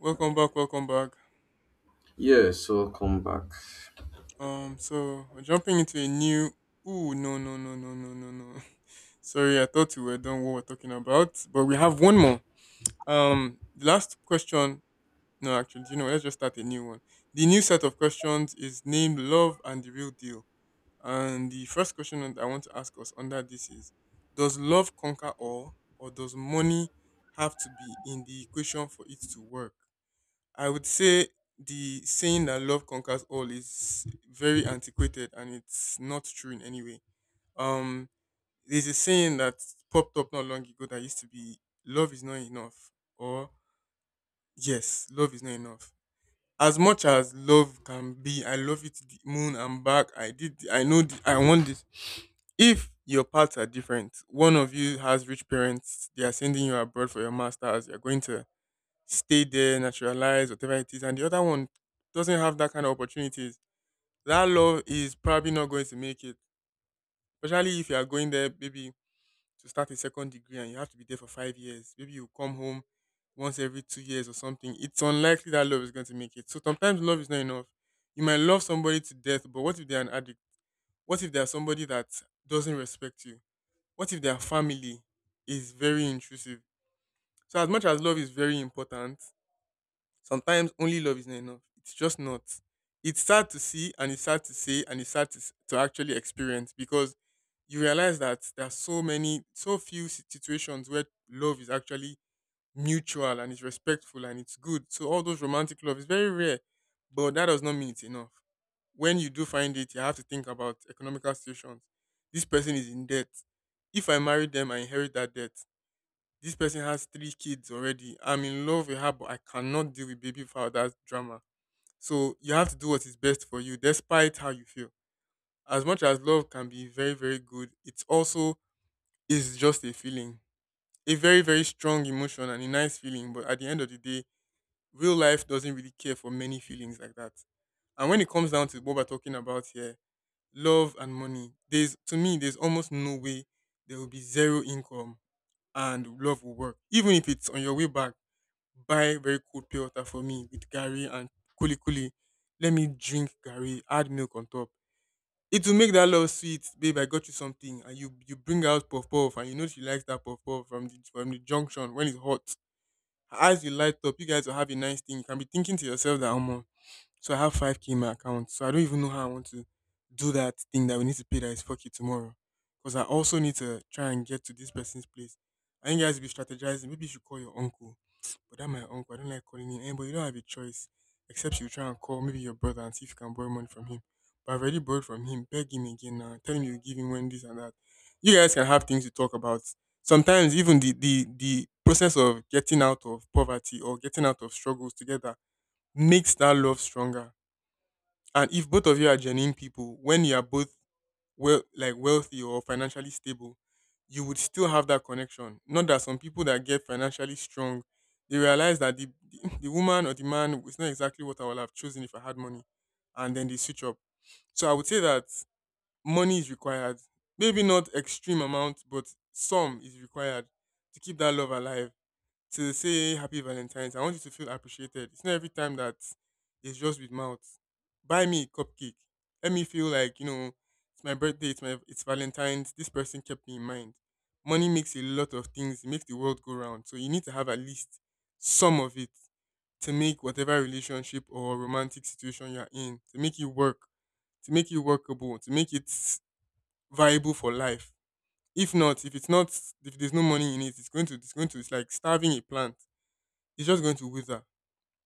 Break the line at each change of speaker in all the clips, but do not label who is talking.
Welcome back, welcome back.
Yes, welcome back.
So we're jumping into a new. Ooh, no, no, no, no, no, no, no. Sorry, I thought we were done what we're talking about, but we have one more. The last question. No, actually, do you know what? Let's just start a new one. The new set of questions is named "Love and the Real Deal," and the first question that I want to ask us under this is: does love conquer all, or does money have to be in the equation for it to work? I would say the saying that love conquers all is very antiquated and it's not true in any way. Um, there's a saying that popped up not long ago that used to be love is not enough, or yes, love is not enough. As much as love can be, I love you to the moon and back. I did, I know, the, I want this. If your paths are different, one of you has rich parents, they are sending you abroad for your master's, you're going to stay there, naturalize, whatever it is, and the other one doesn't have that kind of opportunities, that love is probably not going to make it. Especially if you are going there maybe to start a second degree and you have to be there for 5 years. Maybe you come home once every 2 years or something. It's unlikely that love is going to make it. So sometimes love is not enough. You might love somebody to death, but what if they're an addict? What if they're somebody that doesn't respect you? What if their family is very intrusive? So as much as love is very important, sometimes only love isn't enough. It's just not. It's sad to see and it's sad to say and it's sad to, to actually experience because you realize that there are so few situations where love is actually mutual and it's respectful and it's good. So all those romantic love is very rare, but that does not mean it's enough. When you do find it, you have to think about economical situations. This person is in debt. If I marry them, I inherit that debt. This person has three kids already. I'm in love with her, but I cannot deal with baby father's drama. So you have to do what is best for you, despite how you feel. As much as love can be very, very good, it's also is just a feeling, a very, very strong emotion and a nice feeling. But at the end of the day, real life doesn't really care for many feelings like that. And when it comes down to what we're talking about here, love and money, there's to me, there's almost no way there will be zero income and love will work. Even if it's on your way back, buy very cold pure water for me with gari and kuli kuli. Let me drink gari, add milk on top. It will make that love sweet, babe. I got you something, and you bring out puff puff, and you know she likes that puff puff from the junction when it's hot. Her eyes will light up. You guys will have a nice thing. You can be thinking to yourself that, oh, so I have 5k in my account. So I don't even know how I want to do that thing that we need to pay that is 4k tomorrow. Because I also need to try and get to this person's place. I think you guys will be strategizing. Maybe you should call your uncle. But that my uncle. I don't like calling him. Eh, but you don't have a choice. Except you try and call maybe your brother and see if you can borrow money from him. But I've already borrowed from him. Beg him again now. Tell him you give him when this and that. You guys can have things to talk about. Sometimes even the process of getting out of poverty or getting out of struggles together makes that love stronger. And if both of you are genuine people, when you are both well, like wealthy or financially stable, you would still have that connection. Not that some people that get financially strong, they realize that the woman or the man is not exactly what I would have chosen if I had money, and then they switch up. So I would say that money is required. Maybe not extreme amount, but some is required to keep that love alive, to say happy Valentine's. I want you to feel appreciated. It's not every time that it's just with mouth. Buy me a cupcake. Let me feel like, you know, it's my birthday, it's Valentine's. This person kept me in mind. Money makes a lot of things, it makes the world go round. So you need to have at least some of it to make whatever relationship or romantic situation you're in, to make it work, to make it workable, to make it viable for life. If not, if it's not, if there's no money in it, it's going to it's going to it's like starving a plant, it's just going to wither.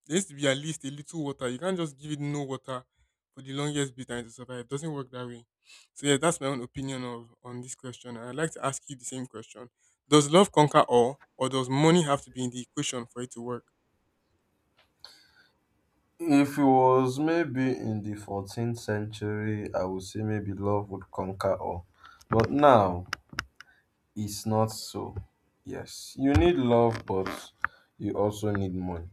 There needs to be at least a little water. You can't just give it no water for the longest bit and to survive. It doesn't work that way. So yeah, that's my own opinion of on this question. And I'd like to ask you the same question. Does love conquer all or does money have to be in the equation for it to work?
If it was maybe in the 14th century, I would say maybe love would conquer all. But now, it's not so. Yes, you need love, but you also need money.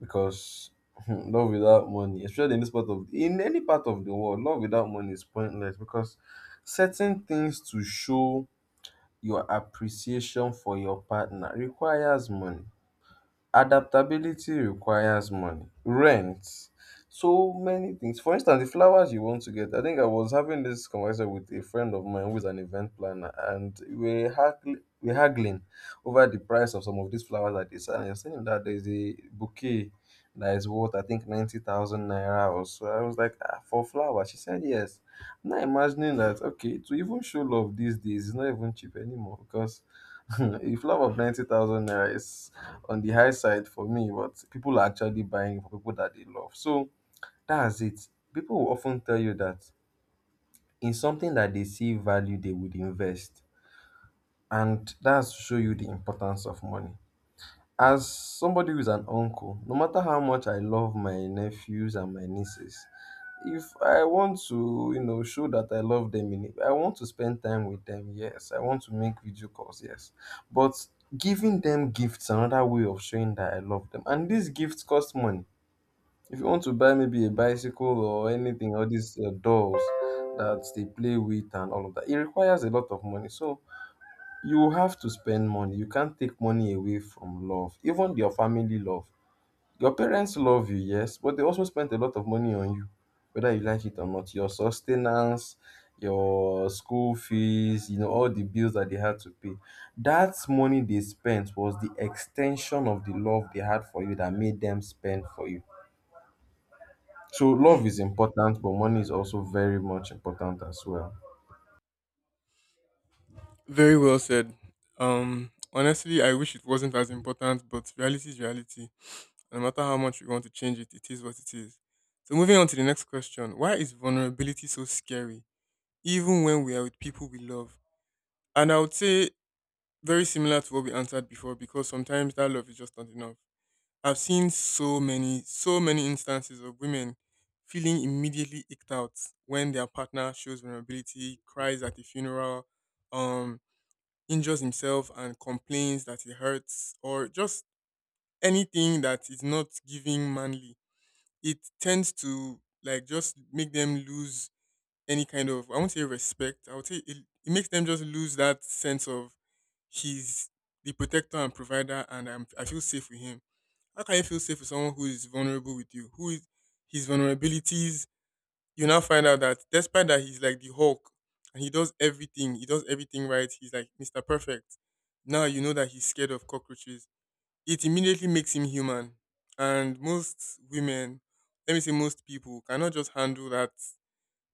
Because love without money, especially in this part of, in any part of the world, love without money is pointless. Because certain things to show your appreciation for your partner requires money. Adaptability requires money, rent, so many things. For instance, the flowers you want to get. I think I was having this conversation with a friend of mine who's an event planner, and we haggling over the price of some of these flowers that they sell. And I was saying that there's a bouquet that is worth, I think, 90,000 naira or so. I was like, ah, for flowers? She said, yes. I'm not imagining that, okay, to even show love these days is not even cheap anymore because a flower of 90,000 naira is on the high side for me, but people are actually buying for people that they love. So that's it. People will often tell you that in something that they see value, they would invest. And that's to show you the importance of money. As somebody who's an uncle, no matter how much I love my nephews and my nieces, if I want to, you know, show that I love them, in I want to spend time with them, yes. I want to make video calls, yes. But giving them gifts, another way of showing that I love them. And these gifts cost money. If you want to buy maybe a bicycle or anything, all these dolls that they play with and all of that, it requires a lot of money. So, you have to spend money. You can't take money away from love. Even your family love, your parents love you, yes, but they also spent a lot of money on you. Whether you like it or not, your sustenance, your school fees, you know, all the bills that they had to pay, that money they spent was the extension of the love they had for you that made them spend for you. So love is important, but money is also very much important as well.
Very well said. Um, honestly, I wish it wasn't as important, but reality is reality. No matter how much we want to change it, it is what it is. So moving on to the next question. Why is vulnerability so scary? Even when we are with people we love? And I would say very similar to what we answered before because sometimes that love is just not enough. I've seen so many instances of women feeling immediately icked out when their partner shows vulnerability, cries at a funeral, um, injures himself and complains that it hurts, or just anything that is not giving manly. It tends to like just make them lose any kind of I won't say respect. I would say it, it makes them just lose that sense of he's the protector and provider, and I feel safe with him. How can you feel safe with someone who is vulnerable with you? Who is his vulnerabilities? You now find out that despite that he's like the Hulk and he does everything right. He's like Mr. Perfect. Now you know that he's scared of cockroaches. It immediately makes him human, and most women, let me say most people, cannot just handle that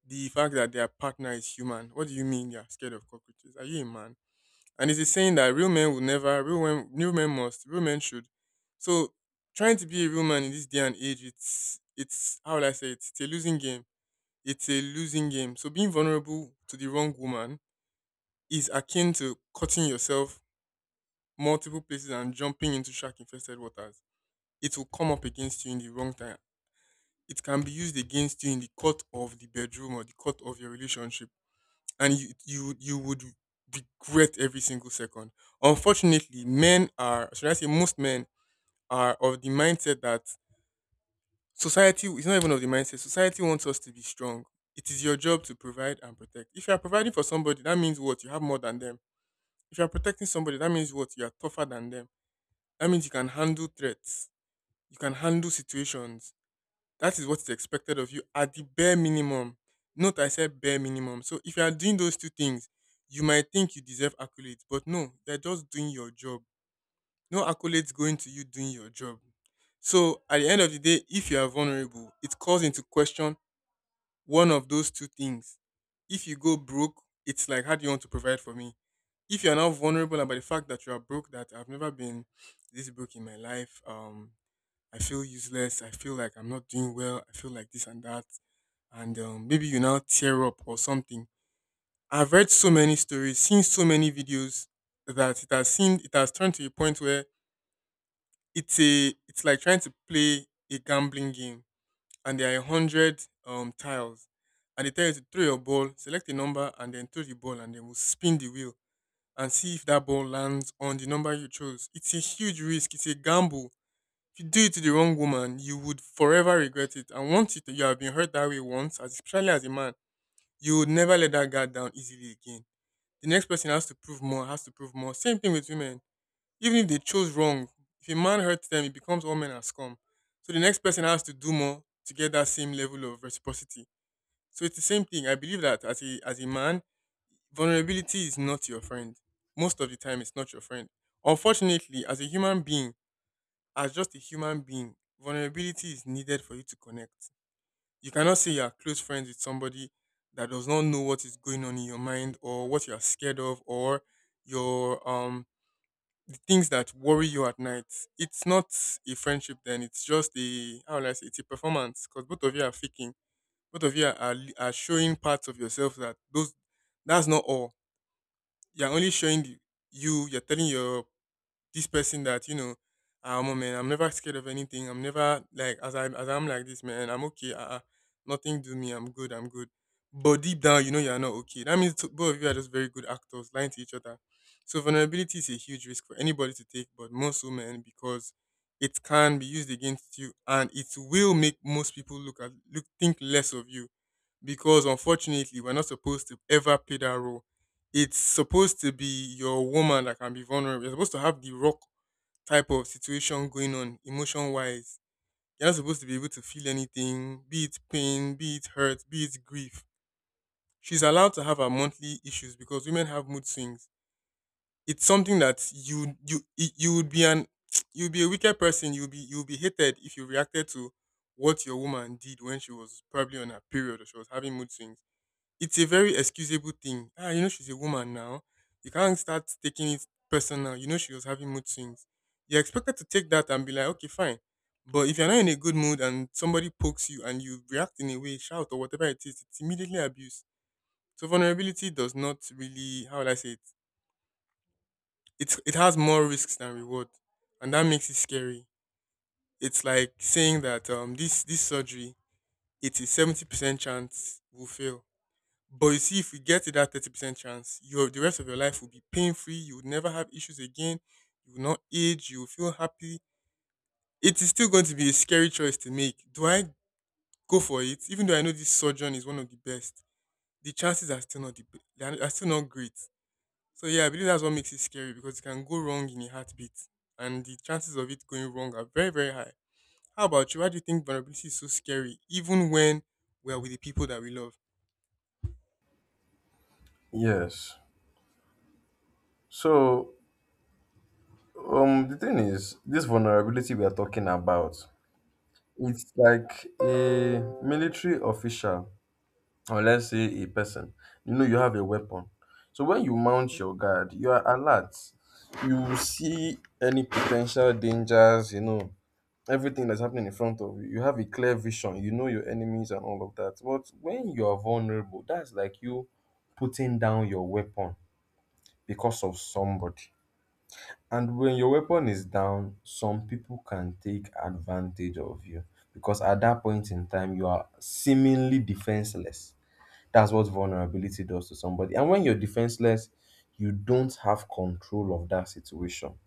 the fact that their partner is human. What do you mean you're scared of cockroaches? Are you a man? And it's a saying that real men will never, real men must, real men should. So trying to be a real man in this day and age, how will I say it? It's a losing game. It's a losing game. So being vulnerable to the wrong woman is akin to cutting yourself multiple places and jumping into shark infested waters. It will come up against you in the wrong time. It can be used against you in the court of the bedroom or the court of your relationship, and you would regret every single second. Unfortunately, men are should I say most men are of the mindset that society is not even of the mindset. Society wants us to be strong. It is your job to provide and protect. If you are providing for somebody, that means what you have more than them. If you are protecting somebody, that means what you are tougher than them. That means you can handle threats. You can handle situations. That is what is expected of you at the bare minimum. Note I said bare minimum. So if you are doing those two things, you might think you deserve accolades, but no, you're just doing your job. No accolades going to you doing your job. So at the end of the day, if you are vulnerable, it calls into question one of those two things. If you go broke, it's like how do you want to provide for me? If you are now vulnerable about the fact that you are broke, that I've never been this broke in my life, I feel useless. I feel like I'm not doing well. I feel like this and that. And maybe you now tear up or something. I've read so many stories, seen so many videos that it has turned to a point where it's like trying to play a gambling game, and there are a hundred tiles, and they tell you to throw your ball, select a number and then throw the ball, and then we'll spin the wheel and see if that ball lands on the number you chose. It's a huge risk, it's a gamble. If you do it to the wrong woman, you would forever regret it. And once it. You have been hurt that way, once, especially as a man, you would never let that guard down easily again. The next person has to prove more, has to prove more. Same thing with women. Even if they chose wrong, if a man hurts them, it becomes all men are scum. So the next person has to do more to get that same level of reciprocity. So it's the same thing. I believe that as a man, vulnerability is not your friend. Most of the time, it's not your friend. Unfortunately, as a human being, as just a human being, vulnerability is needed for you to connect. You cannot say you are close friends with somebody that does not know what is going on in your mind, or what you are scared of, or your the things that worry you at night. It's not a friendship then, it's just a, how will I say, it's a performance because both of you are faking. Both of you are showing parts of yourself that's not all. You're only showing you're telling your this person that, you know, I'm a man, I'm never scared of anything, I'm never like, as I as I'm like this man, I'm okay, nothing do me, I'm good, I'm good, but deep down you know you're not okay. That means both of you are just very good actors lying to each other. So vulnerability is a huge risk for anybody to take, but most women, because it can be used against you, and it will make most people look, think less of you, because unfortunately we're not supposed to ever play that role. It's supposed to be your woman that can be vulnerable. You're supposed to have the rock type of situation going on emotion wise. You're not supposed to be able to feel anything, be it pain, be it hurt, be it grief. She's allowed to have her monthly issues because women have mood swings. It's something that you would be an, you'd be a wicked person. You'd be hated if you reacted to what your woman did when she was probably on her period or she was having mood swings. It's a very excusable thing. Ah, you know, she's a woman now. You can't start taking it personal. You know she was having mood swings. You're expected to take that and be like, okay, fine. But if you're not in a good mood and somebody pokes you and you react in a way, shout or whatever it is, it's immediately abuse. So vulnerability does not really, how will I say it? It's, it has more risks than reward, and that makes it scary. It's like saying that this surgery, it's a 70% chance will fail. But you see, if you get to that 30% chance, your, the rest of your life will be pain free. You would never have issues again. You will not age. You will feel happy. It is still going to be a scary choice to make. Do I go for it? Even though I know this surgeon is one of the best, the chances are still not they are still not great. So yeah, I believe that's what makes it scary, because it can go wrong in a heartbeat, and the chances of it going wrong are very high. How about you? Why do you think vulnerability is so scary, even when we are with the people that we love?
Yes. So the thing is, this vulnerability we are talking about, it's like a military official, or let's say a person. You know, you have a weapon. So when you mount your guard, you are alert. You see any potential dangers, you know, everything that's happening in front of you. You have a clear vision. You know your enemies and all of that. But when you are vulnerable, that's like you putting down your weapon because of somebody. And when your weapon is down, some people can take advantage of you because at that point in time, you are seemingly defenseless. That's what vulnerability does to somebody. And when you're defenseless, you don't have control of that situation.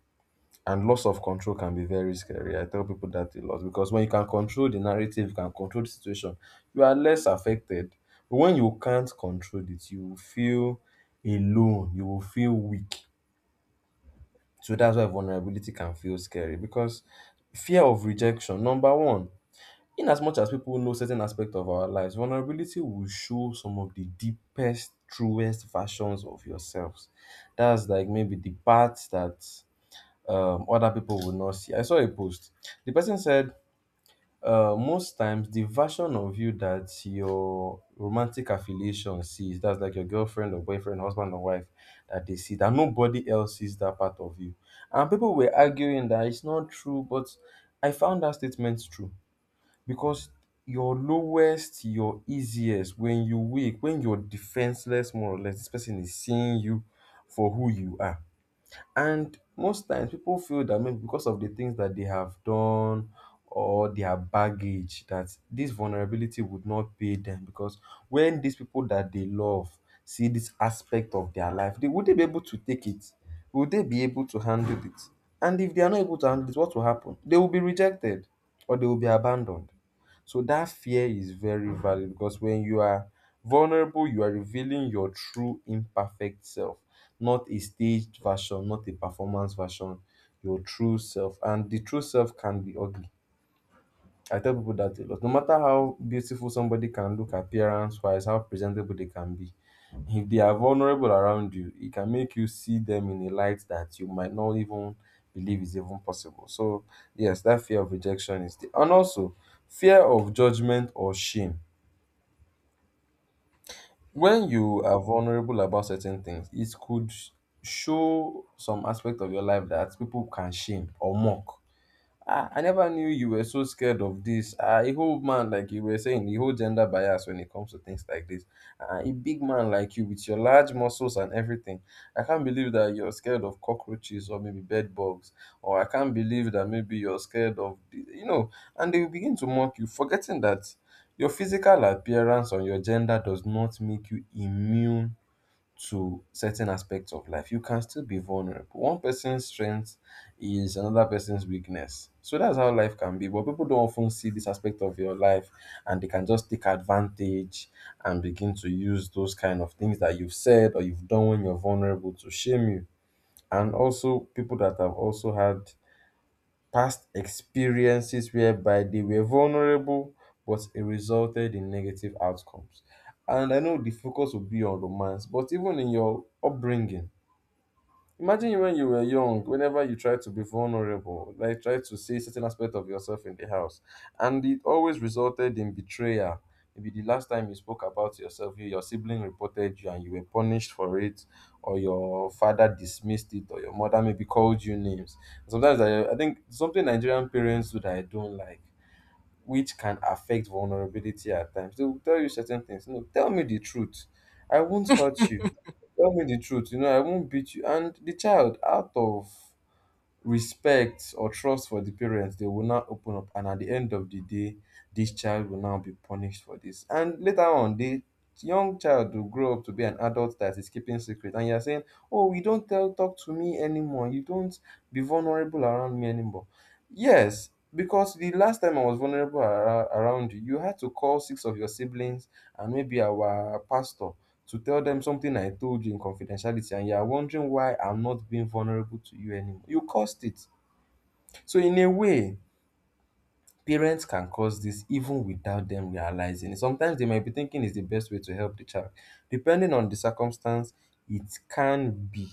And loss of control can be very scary. I tell people that a lot because when you can control the narrative, you can control the situation, you are less affected. But when you can't control it, you will feel alone, you will feel weak. So that's why vulnerability can feel scary, because fear of rejection, number one, in as much as people know certain aspect of our lives, vulnerability will show some of the deepest, truest versions of yourselves. That's like maybe the parts that other people will not see. I saw a post. The person said most times the version of you that your romantic affiliation sees, that's like your girlfriend or boyfriend, husband or wife, that they see, that nobody else sees that part of you. And people were arguing that it's not true, but I found that statement true because your lowest, your easiest, when you weak, when you're defenseless, more or less, this person is seeing you for who you are. And most times people feel that maybe because of the things that they have done or their baggage, that this vulnerability would not pay them. Because when these people that they love see this aspect of their life, they would they be able to take it? Would they be able to handle it? And if they are not able to handle it, what will happen? They will be rejected or they will be abandoned. So that fear is very valid, because when you are vulnerable, you are revealing your true imperfect self, not a staged version, not a performance version, your true self. And the true self can be ugly. I tell people that a lot. No matter how beautiful somebody can look appearance wise, how presentable they can be, if they are vulnerable around you, it can make you see them in a light that you might not even believe is even possible. So, yes, that fear of rejection is the, and also fear of judgment or shame.
Hmm.
When you are vulnerable about certain things, it could show some aspect of your life that people can shame or mock. Ah, I never knew you were so scared of this. Ah, a whole man like you, were saying, a whole gender bias when it comes to things like this. Ah, a big man like you with your large muscles and everything. I can't believe that you're scared of cockroaches or maybe bed bugs. Or I can't believe that maybe you're scared of, the- you know, and they will begin to mock you, forgetting that your physical appearance or your gender does not make you immune to certain aspects of life. You can still be vulnerable. One person's strength is another person's weakness. So that's how life can be. But people don't often see this aspect of your life and they can just take advantage and begin to use those kind of things that you've said or you've done when you're vulnerable to shame you. And also people that have also had past experiences whereby they were vulnerable but it resulted in negative outcomes. And I know the focus will be on romance, but even in your upbringing, imagine when you were young, whenever you tried to be vulnerable, like try to see certain aspect of yourself in the house, and it always resulted in betrayal. Maybe the last time you spoke about yourself, you- your sibling reported you and you were punished for it, or your father dismissed it, or your mother maybe called you names. Sometimes I think something Nigerian parents do that I don't like, which can affect vulnerability at times. They will tell you certain things. No, tell me the truth. I won't hurt you. Tell me the truth. You know, I won't beat you. And the child, out of respect or trust for the parents, they will not open up. And at the end of the day, this child will now be punished for this. And later on, the young child will grow up to be an adult that is keeping secret. And you're saying, oh, you don't tell talk to me anymore. You don't be vulnerable around me anymore. Yes, because the last time I was vulnerable ar- around you, you had to call six of your siblings and maybe our pastor to tell them something I told you in confidentiality, and you're wondering why I'm not being vulnerable to you anymore. You caused it. So, in a way, parents can cause this even without them realizing it. Sometimes they might be thinking it's the best way to help the child. Depending on the circumstance, it can be,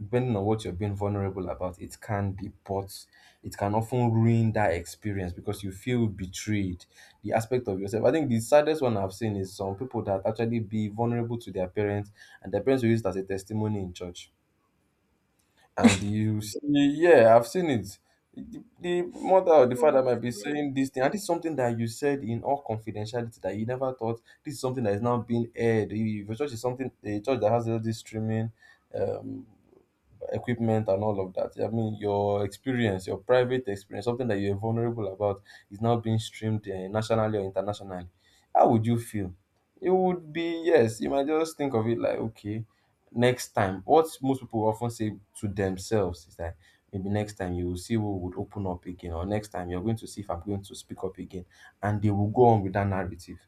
depending on what you're being vulnerable about, it can be, but it can often ruin that experience because you feel betrayed. The aspect of yourself. I think the saddest one I've seen is some people that actually be vulnerable to their parents and their parents will use it as a testimony in church. And you see, yeah, I've seen it. The mother or the
Oh
father might be
my god.
saying this thing, and it's something that you said in all confidentiality that you never thought. This is something that is now being aired. If your church is something, a church that has all this streaming, um, equipment and all of that. I mean, your experience, your private experience, something that you're vulnerable about, is now being streamed nationally or internationally. How would you feel? It would be, yes. You might just think of it like okay, next time. What most people often say to themselves is that maybe next time you will see who would open up again, or next time you're going to see if I'm going to speak up again, and they will go on with that narrative.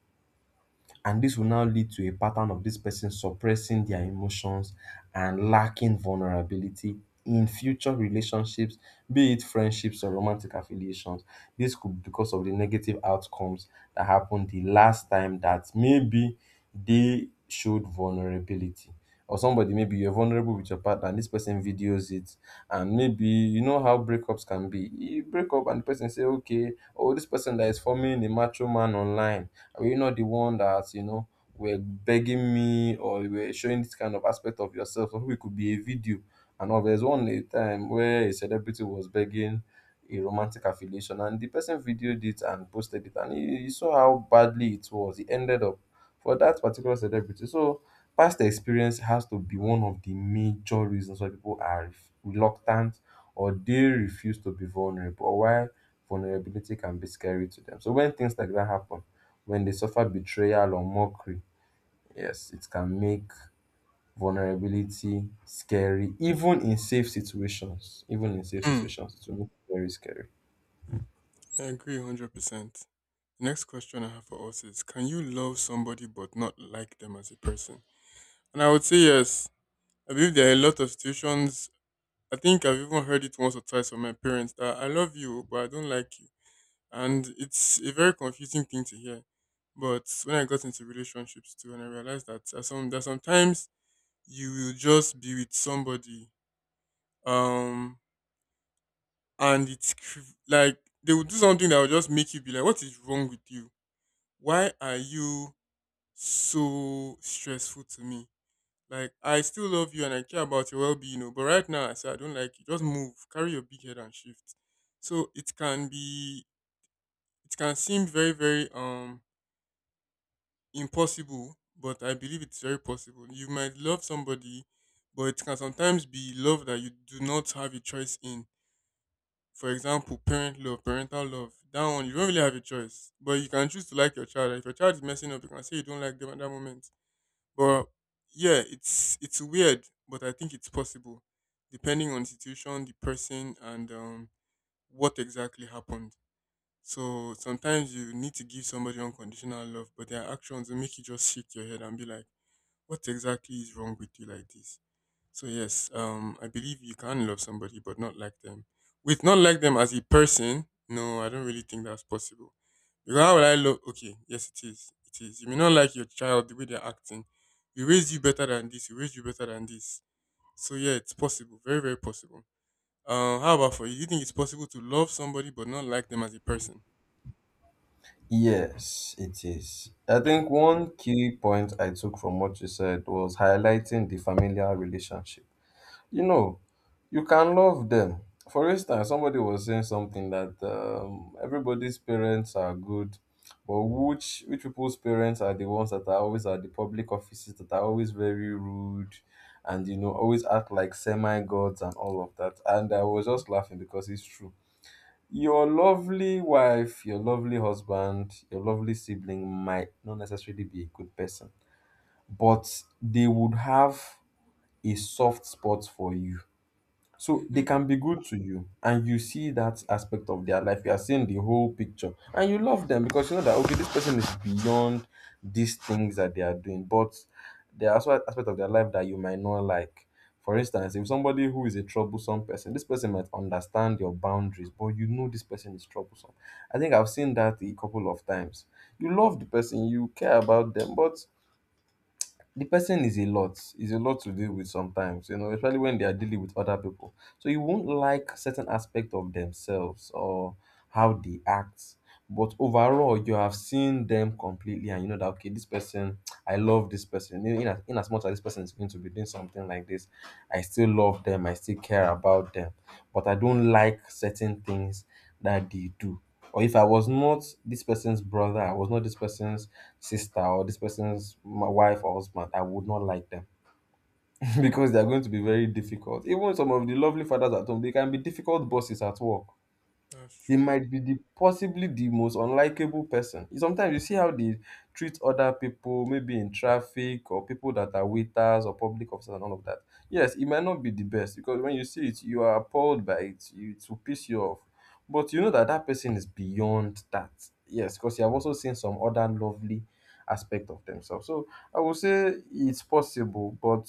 And this will now lead to a pattern of this person suppressing their emotions and lacking vulnerability in future relationships, be it friendships or romantic affiliations. This could be because of the negative outcomes that happened the last time that maybe they showed vulnerability. Or somebody, maybe you're vulnerable with your partner, and this person videos it, and maybe you know how breakups can be. You break up, and the person say, "Okay, oh, this person that is forming a macho man online, were you not the one that, were begging me, or you were showing this kind of aspect of yourself? Or it could be a video." And all, there's one a time where a celebrity was begging a romantic affiliation, and the person videoed it and posted it, and he saw how badly it was. He ended up for that particular celebrity. So past experience has to be one of the major reasons why people are reluctant or they refuse to be vulnerable, or why vulnerability can be scary to them. So when things like that happen, when they suffer betrayal or mockery, yes, it can make vulnerability scary, even in safe situations. Even in safe
Hmm.
situations, it will make it very scary.
I agree 100%. Next question I have for us is, can you love somebody but not like them as a person? And I would say yes. I believe there are a lot of situations. I think I've even heard it once or twice from my parents that I love you, but I don't like you. And it's a very confusing thing to hear. But when I got into relationships too, and I realized that there are some, that sometimes you will just be with somebody, um, and it's cr- like they will do something that will just make you be like, "What is wrong with you? Why are you so stressful to me? Like, I still love you and I care about your well being, you know, but right now I say I don't like you. Just move, carry your big head and shift." So it can be, it can seem very, very impossible, but I believe it's very possible. You might love somebody, but it can sometimes be love that you do not have a choice in. For example, parent love, parental love. That one you don't really have a choice. But you can choose to like your child. And if your child is messing up, you can say you don't like them at that moment. But yeah, it's weird, but I think it's possible, depending on the situation, the person, and what exactly happened. So sometimes you need to give somebody unconditional love, but their actions that make you just shake your head and be like, "What exactly is wrong with you like this?" So yes, I believe you can love somebody but not like them. With not like them as a person, no, I don't really think that's possible. Because how will I love? Okay, yes, it is. It is. You may not like your child the way they're acting. We raised you better than this. We raised you better than this. So yeah, it's possible. Very, very possible. How about for you? Do you think it's possible to love somebody but not like them as a person?
Yes, it is. I think one key point I took from what you said was highlighting the familial relationship. You know, you can love them. For instance, somebody was saying something, that everybody's parents are good, but which people's parents are the ones that are always at the public offices, that are always very rude and, you know, always act like semi-gods and all of that. And I was just laughing because it's true. Your lovely wife, your lovely husband, your lovely sibling might not necessarily be a good person, but they would have a soft spot for you. So they
Mm-hmm.
can be good to you, and you see that aspect of their life. You are seeing the whole picture, and you love them because you know that, okay, this person is beyond these things that they are doing. But there are also aspects of their life that you might not like. For instance, if somebody who is a troublesome person, this person might understand your boundaries, but you know this person is troublesome. I think I've seen that a couple of times. You love the person, you care about them, but the person is a lot, to deal with sometimes, you know, especially when they are dealing with other people. So you won't like certain aspect of themselves, or how they act. But overall, you have seen them completely, and you know that, okay, this person, I love this person, in as much as this person is going to be doing something like this, I still love them, I still care about them, but I don't like certain things that they do. Or if I was not this person's brother, I was not this person's sister, or this person's my wife or husband, I would not like them because they are going to be very difficult. Even some of the lovely fathers at home, they can be difficult bosses at work.
That's
They
true.
might be the possibly the most unlikable person. Sometimes you see how they treat other people, maybe in traffic, or people that are waiters or public officers and all of that. Yes, it might not be the best, because when you see it, you are appalled by it. You, it will piss you off. But you know that that person is beyond that. Yes, because you have also seen some other lovely aspect of themselves. So I would say it's possible, but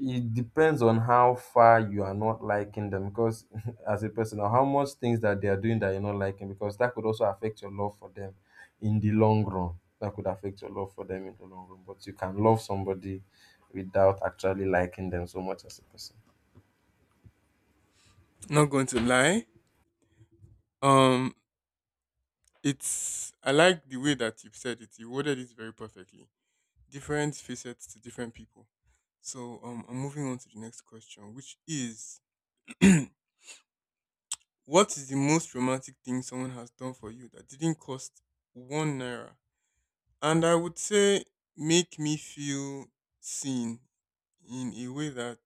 it depends on how far you are not liking them, because as a person, or how much things that they are doing that you're not liking, because that could also affect your love for them in the long run. That could affect your love for them in the long run. But you can love somebody without actually liking them so much as a person.
Not going to lie. Um, it's, I like the way that you said it. You worded it very perfectly, different facets to different people. So I'm moving on to the next question, which is, what is the most romantic thing someone has done for you that didn't cost one naira? And I would say, make me feel seen in a way that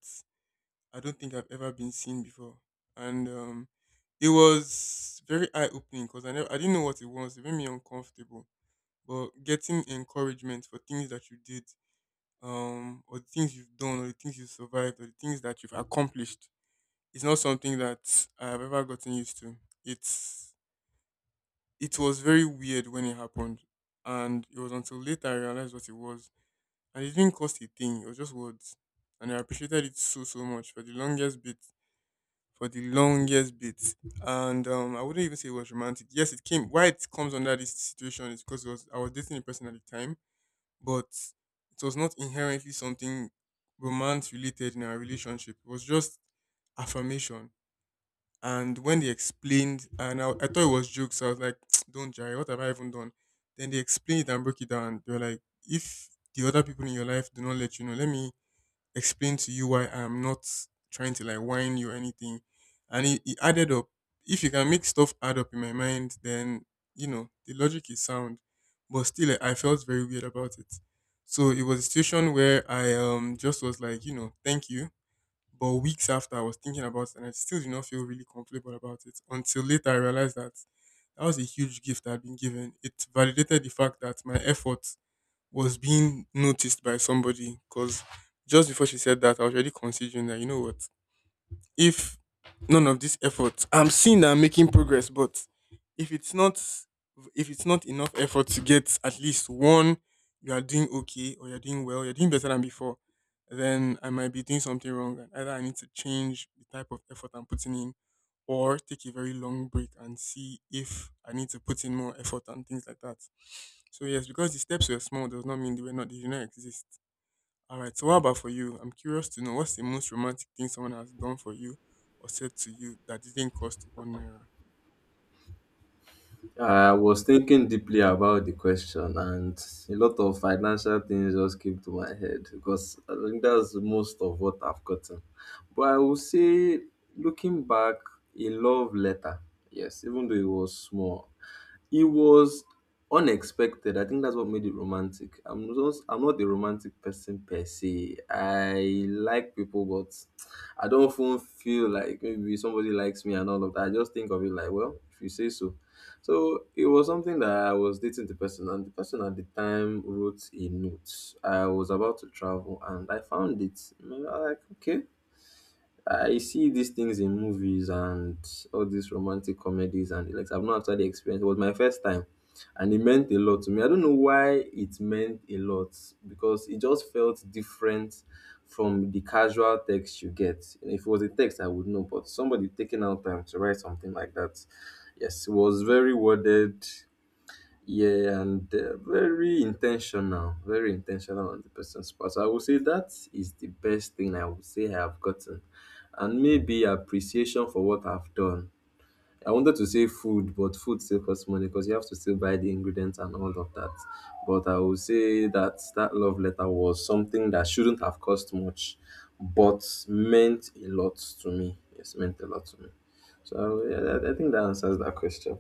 I don't think I've ever been seen before. And it was very eye opening because I didn't know what it was. It made me uncomfortable. But getting encouragement for things that you did, or the things you've done, or the things you've survived, or the things that you've accomplished. It's not something that I've ever gotten used to. It's, it was very weird when it happened, and it was until later I realized what it was, and it didn't cost a thing. It was just words, and I appreciated it so so much for the longest bit. For the longest bit. And I wouldn't even say it was romantic. Yes, it came. Why it comes under this situation is because it was, I was dating a person at the time, but it was not inherently something romance related in our relationship. It was just affirmation. And when they explained, and I thought it was jokes, so I was like, don't Jerry, what have I even done? Then they explained it and broke it down. They were like, if the other people in your life do not let you know, let me explain to you why I'm not trying to like whine you or anything. And it added up. If you can make stuff add up in my mind, then you know the logic is sound. But still, like, I felt very weird about it. So it was a situation where I just was like, you know, thank you. But weeks after, I was thinking about it, and I still did not feel really comfortable about it until later I realized that that was a huge gift I'd been given. It validated the fact that my effort was being noticed by somebody, because just before she said that, I was already considering that, you know what? If none of this effort, I'm seeing that I'm making progress, but if it's not, if it's not enough effort to get at least one "you are doing okay" or "you're doing well, you're doing better than before," then I might be doing something wrong and either I need to change the type of effort I'm putting in or take a very long break and see if I need to put in more effort and things like that. So yes, because the steps were small does not mean they were not, they do not exist. All right. So what about for you? I'm curious to know, what's the most romantic thing someone has done for you or said to you that didn't cost one naira?
I was thinking deeply about the question, and a lot of financial things just came to my head because I think that's most of what I've gotten. But I will say, looking back, a love letter, yes, even though it was small, it was unexpected. I think that's what made it romantic. I'm not a romantic person per se. I like people, but I don't often feel like maybe somebody likes me and all of that. I just think of it like, well, if you say so. So it was something that I was dating the person, and the person at the time wrote a note. I was about to travel, and I found it. And I'm like, okay. I see these things in movies and all these romantic comedies and the likes. I've not actually experienced. It was my first time, and it meant a lot to me. I don't know why it meant a lot, because it just felt different from the casual text you get. If it was a text, I would know, but somebody taking out time to write something like that, yes, it was very worded. Yeah, and they're very intentional on the person's part. So I would say that is the best thing I would say I have gotten. And maybe appreciation for what I've done. I wanted to say food, but food still costs money because you have to still buy the ingredients and all of that. But I would say that that love letter was something that shouldn't have cost much, but meant a lot to me. Yes, meant a lot to me. So yeah, I think that answers that question.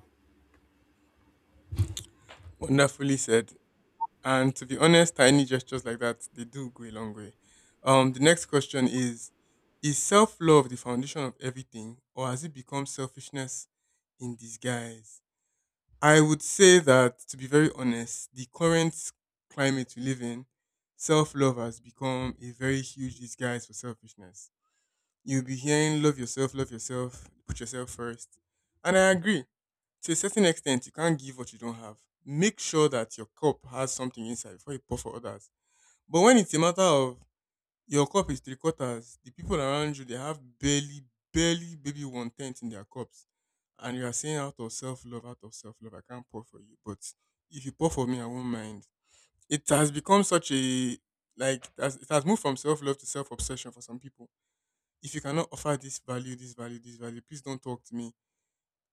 Wonderfully said. And to be honest, tiny gestures like that, they do go a long way. The next question is: is self-love the foundation of everything, or has it become selfishness in disguise? I would say that, to be very honest, the current climate we live in, self-love has become a very huge disguise for selfishness. You'll be hearing love yourself, put yourself first. And I agree. To a certain extent, you can't give what you don't have. Make sure that your cup has something inside before you pour for others. But when it's a matter of your cup is three quarters, the people around you, they have barely, barely, maybe one tenth in their cups. And you are saying, out of self love, out of self love, I can't pour for you. But if you pour for me, I won't mind. It has become such a, like, it has moved from self love to self obsession for some people. If you cannot offer this value, this value, this value, please don't talk to me.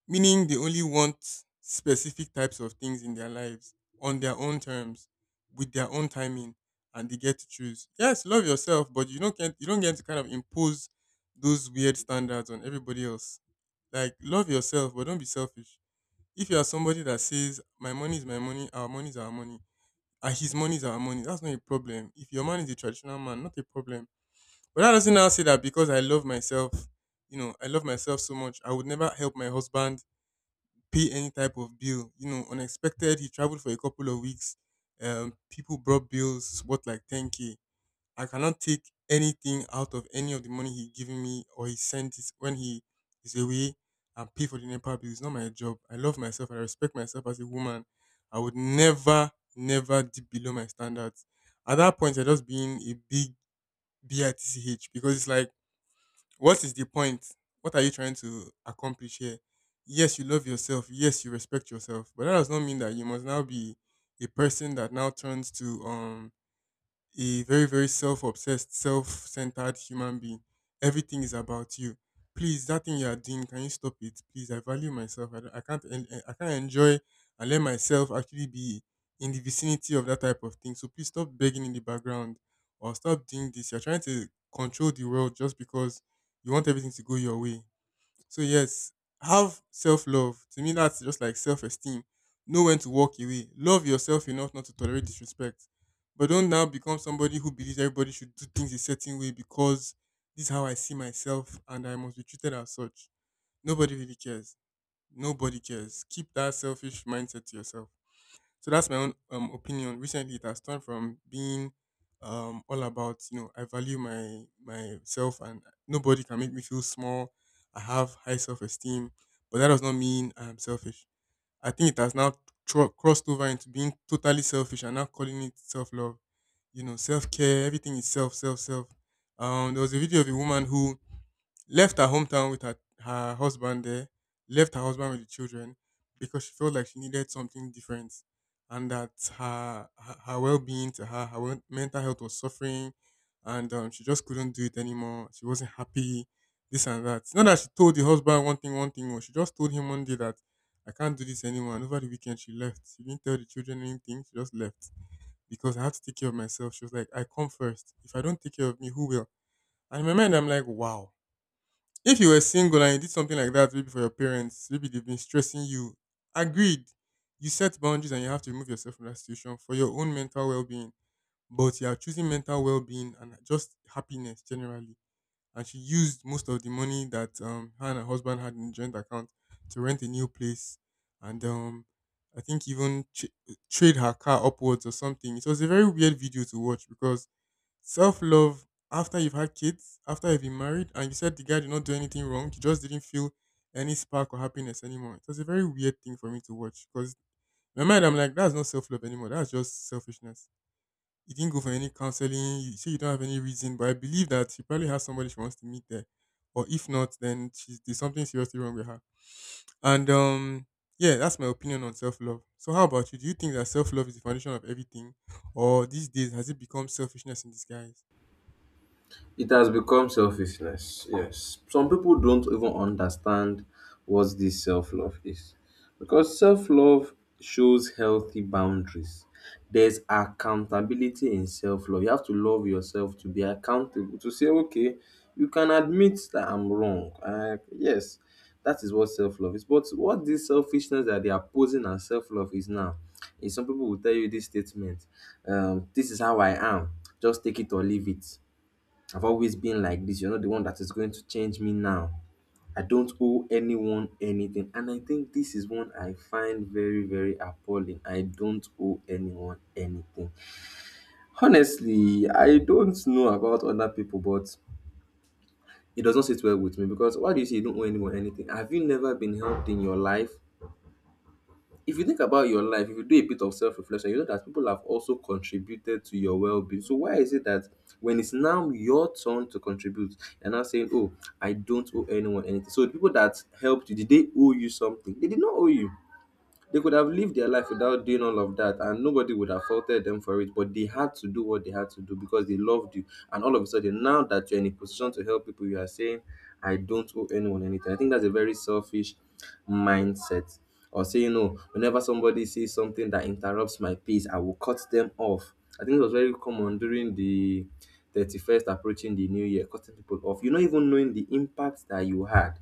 Meaning they only want specific types of things in their lives, on their own terms, with their own timing, and they get to choose. Yes, love yourself, but you don't get to kind of impose those weird standards on everybody else. Like, love yourself, but don't be selfish. If you are somebody that says my money is my money, our money is our money, and his money is our money, that's not a problem. If your man is a traditional man, not a problem, but that doesn't now say that because I love myself, you know, I love myself so much, I would never help my husband pay any type of bill. You know, unexpected, he traveled for a couple of weeks. People brought bills worth like 10k. I cannot take anything out of any of the money he giving me or he sent it when he is away and pay for the Nepal bill. It's not my job. I love myself. I respect myself as a woman. I would never, never dip below my standards. At that point, I just being a big bitch, because it's like, what is the point? What are you trying to accomplish here? Yes, you love yourself. Yes, you respect yourself. But that does not mean that you must now be a person that now turns to a very, very self obsessed, self centered human being. Everything is about you. Please, that thing you are doing, can you stop it? Please, I value myself. I can't enjoy and let myself actually be in the vicinity of that type of thing. So please stop begging in the background or stop doing this. You're trying to control the world just because you want everything to go your way. So yes, have self love. To me, that's just like self esteem. Know when to walk away. Love yourself enough not to tolerate disrespect, but don't now become somebody who believes everybody should do things a certain way because this is how I see myself and I must be treated as such. Nobody really cares. Nobody cares. Keep that selfish mindset to yourself. So that's my own opinion. Recently, it has turned from being all about, you know, I value my myself and nobody can make me feel small. I have high self esteem, but that does not mean I'm selfish. I think it has now crossed over into being totally selfish and now calling it self love. You know, self care. Everything is self, self, self. There was a video of a woman who left her hometown with her husband there, left her husband with the children because she felt like she needed something different and that her well being to her, her mental health was suffering and she just couldn't do it anymore. She wasn't happy, this and that. Not that she told the husband one thing, or she just told him one day that I can't do this anymore. And over the weekend, she left. She didn't tell the children anything. She just left because I had to take care of myself. She was like, I come first. If I don't take care of me, who will? And in my mind, I'm like, wow, if you were single and you did something like that, maybe for your parents, maybe they've been stressing you. Agreed. You set boundaries and you have to remove yourself from that situation for your own mental well being. But you are choosing mental well being and just happiness generally. And she used most of the money that her and her husband had in the joint account to rent a new place. And I think even trade her car upwards or something. It was a very weird video to watch. Because self love after you've had kids, after you've been married, and you said the guy did not do anything wrong, you just didn't feel any spark or happiness anymore, it was a very weird thing for me to watch. Because in my mind, I'm like, that's not self love anymore. That's just selfishness. You didn't go for any counseling. You say you don't have any reason, but I believe that she probably has somebody she wants to meet there. Or if not, then she's there's something seriously wrong with her. And yeah, that's my opinion on self love. So, how about you? Do you think that self love is the foundation of everything, or these days has it become selfishness in disguise?
It has become selfishness. Yes. Some people don't even understand what this self love is. Because self love shows healthy boundaries. There's accountability in self love. You have to love yourself to be accountable, to say, okay, you can admit that I'm wrong. Yes, that is what self love is. But what this selfishness that they are posing as self love is now, is some people will tell you this statement, this is how I am, just take it or leave it. I've always been like this. You're not the one that is going to change me now. I don't owe anyone anything. And I think this is one I find very, very appalling. I don't owe anyone anything. Honestly, I don't know about other people, but it does not sit well with me because why do you say you don't owe anyone anything? Have you never been helped in your life? If you think about your life, if you do a bit of self reflection, you know that people have also contributed to your well being. So why is it that when it's now your turn to contribute, you're now saying, oh, I don't owe anyone anything? So the people that helped you, did they owe you something? They did not owe you. They could have lived their life without doing all of that, and nobody would have faulted them for it. But they had to do what they had to do because they loved you. And all of a sudden, now that you're in a position to help people, you are saying, I don't owe anyone anything. I think that's a very selfish mindset. Or saying, no, whenever somebody says something that interrupts my peace, I will cut them off. I think it was very common during the 31st approaching the new year, cutting people off. You're not even knowing the impact that you had,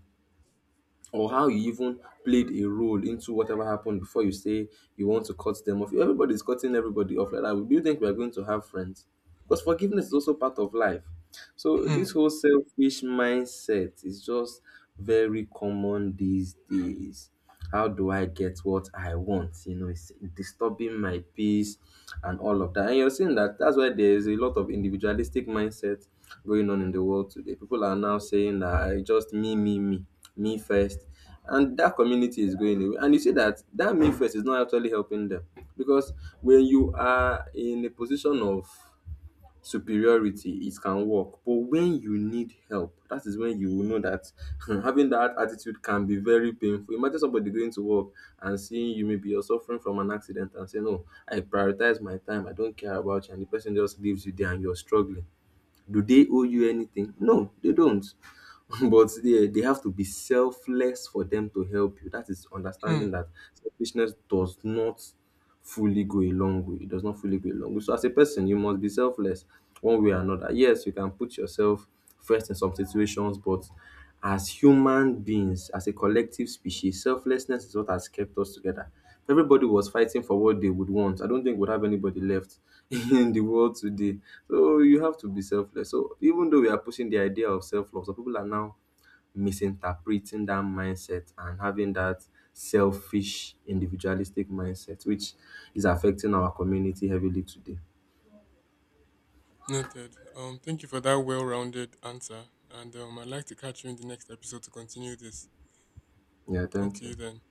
or how you even played a role into whatever happened before you say you want to cut them off. Everybody's cutting everybody off like that. Do you think we're going to have friends? Because forgiveness is also part of life. So
Hmm,
this whole selfish mindset is just very common these days. How do I get what I want? You know, it's disturbing my peace and all of that. And you're seeing that that's why there's a lot of individualistic mindset going on in the world today. People are now saying that, "I just me, me, me, me first." And that community is going away. And you see that that me first is not actually helping them. Because when you are in a position of superiority, it can work. But when you need help, that is when you will know that having that attitude can be very painful. Imagine somebody going to work and seeing you, maybe you're suffering from an accident, and say, no, I prioritize my time, I don't care about you, and the person just leaves you there and you're struggling. Do they owe you anything? No, they don't. But they have to be selfless for them to help you. That is
hmm.
understanding that selfishness does not fully go a long way. It does not fully go a long way. So as a person, you must be selfless one way or another. Yes, you can put yourself first in some situations, but as human beings, as a collective species, selflessness is what has kept us together. If everybody was fighting for what they would want, I don't think we'd have anybody left in the world today. So you have to be selfless. So even though we are pushing the idea of self-love, some people are now misinterpreting that mindset and having that selfish, individualistic mindset, which is affecting our community heavily today.
Noted. Thank you for that well rounded answer. And I'd like to catch you in the next episode to continue this.
Yeah,
Talk
thank
to you
you.
then.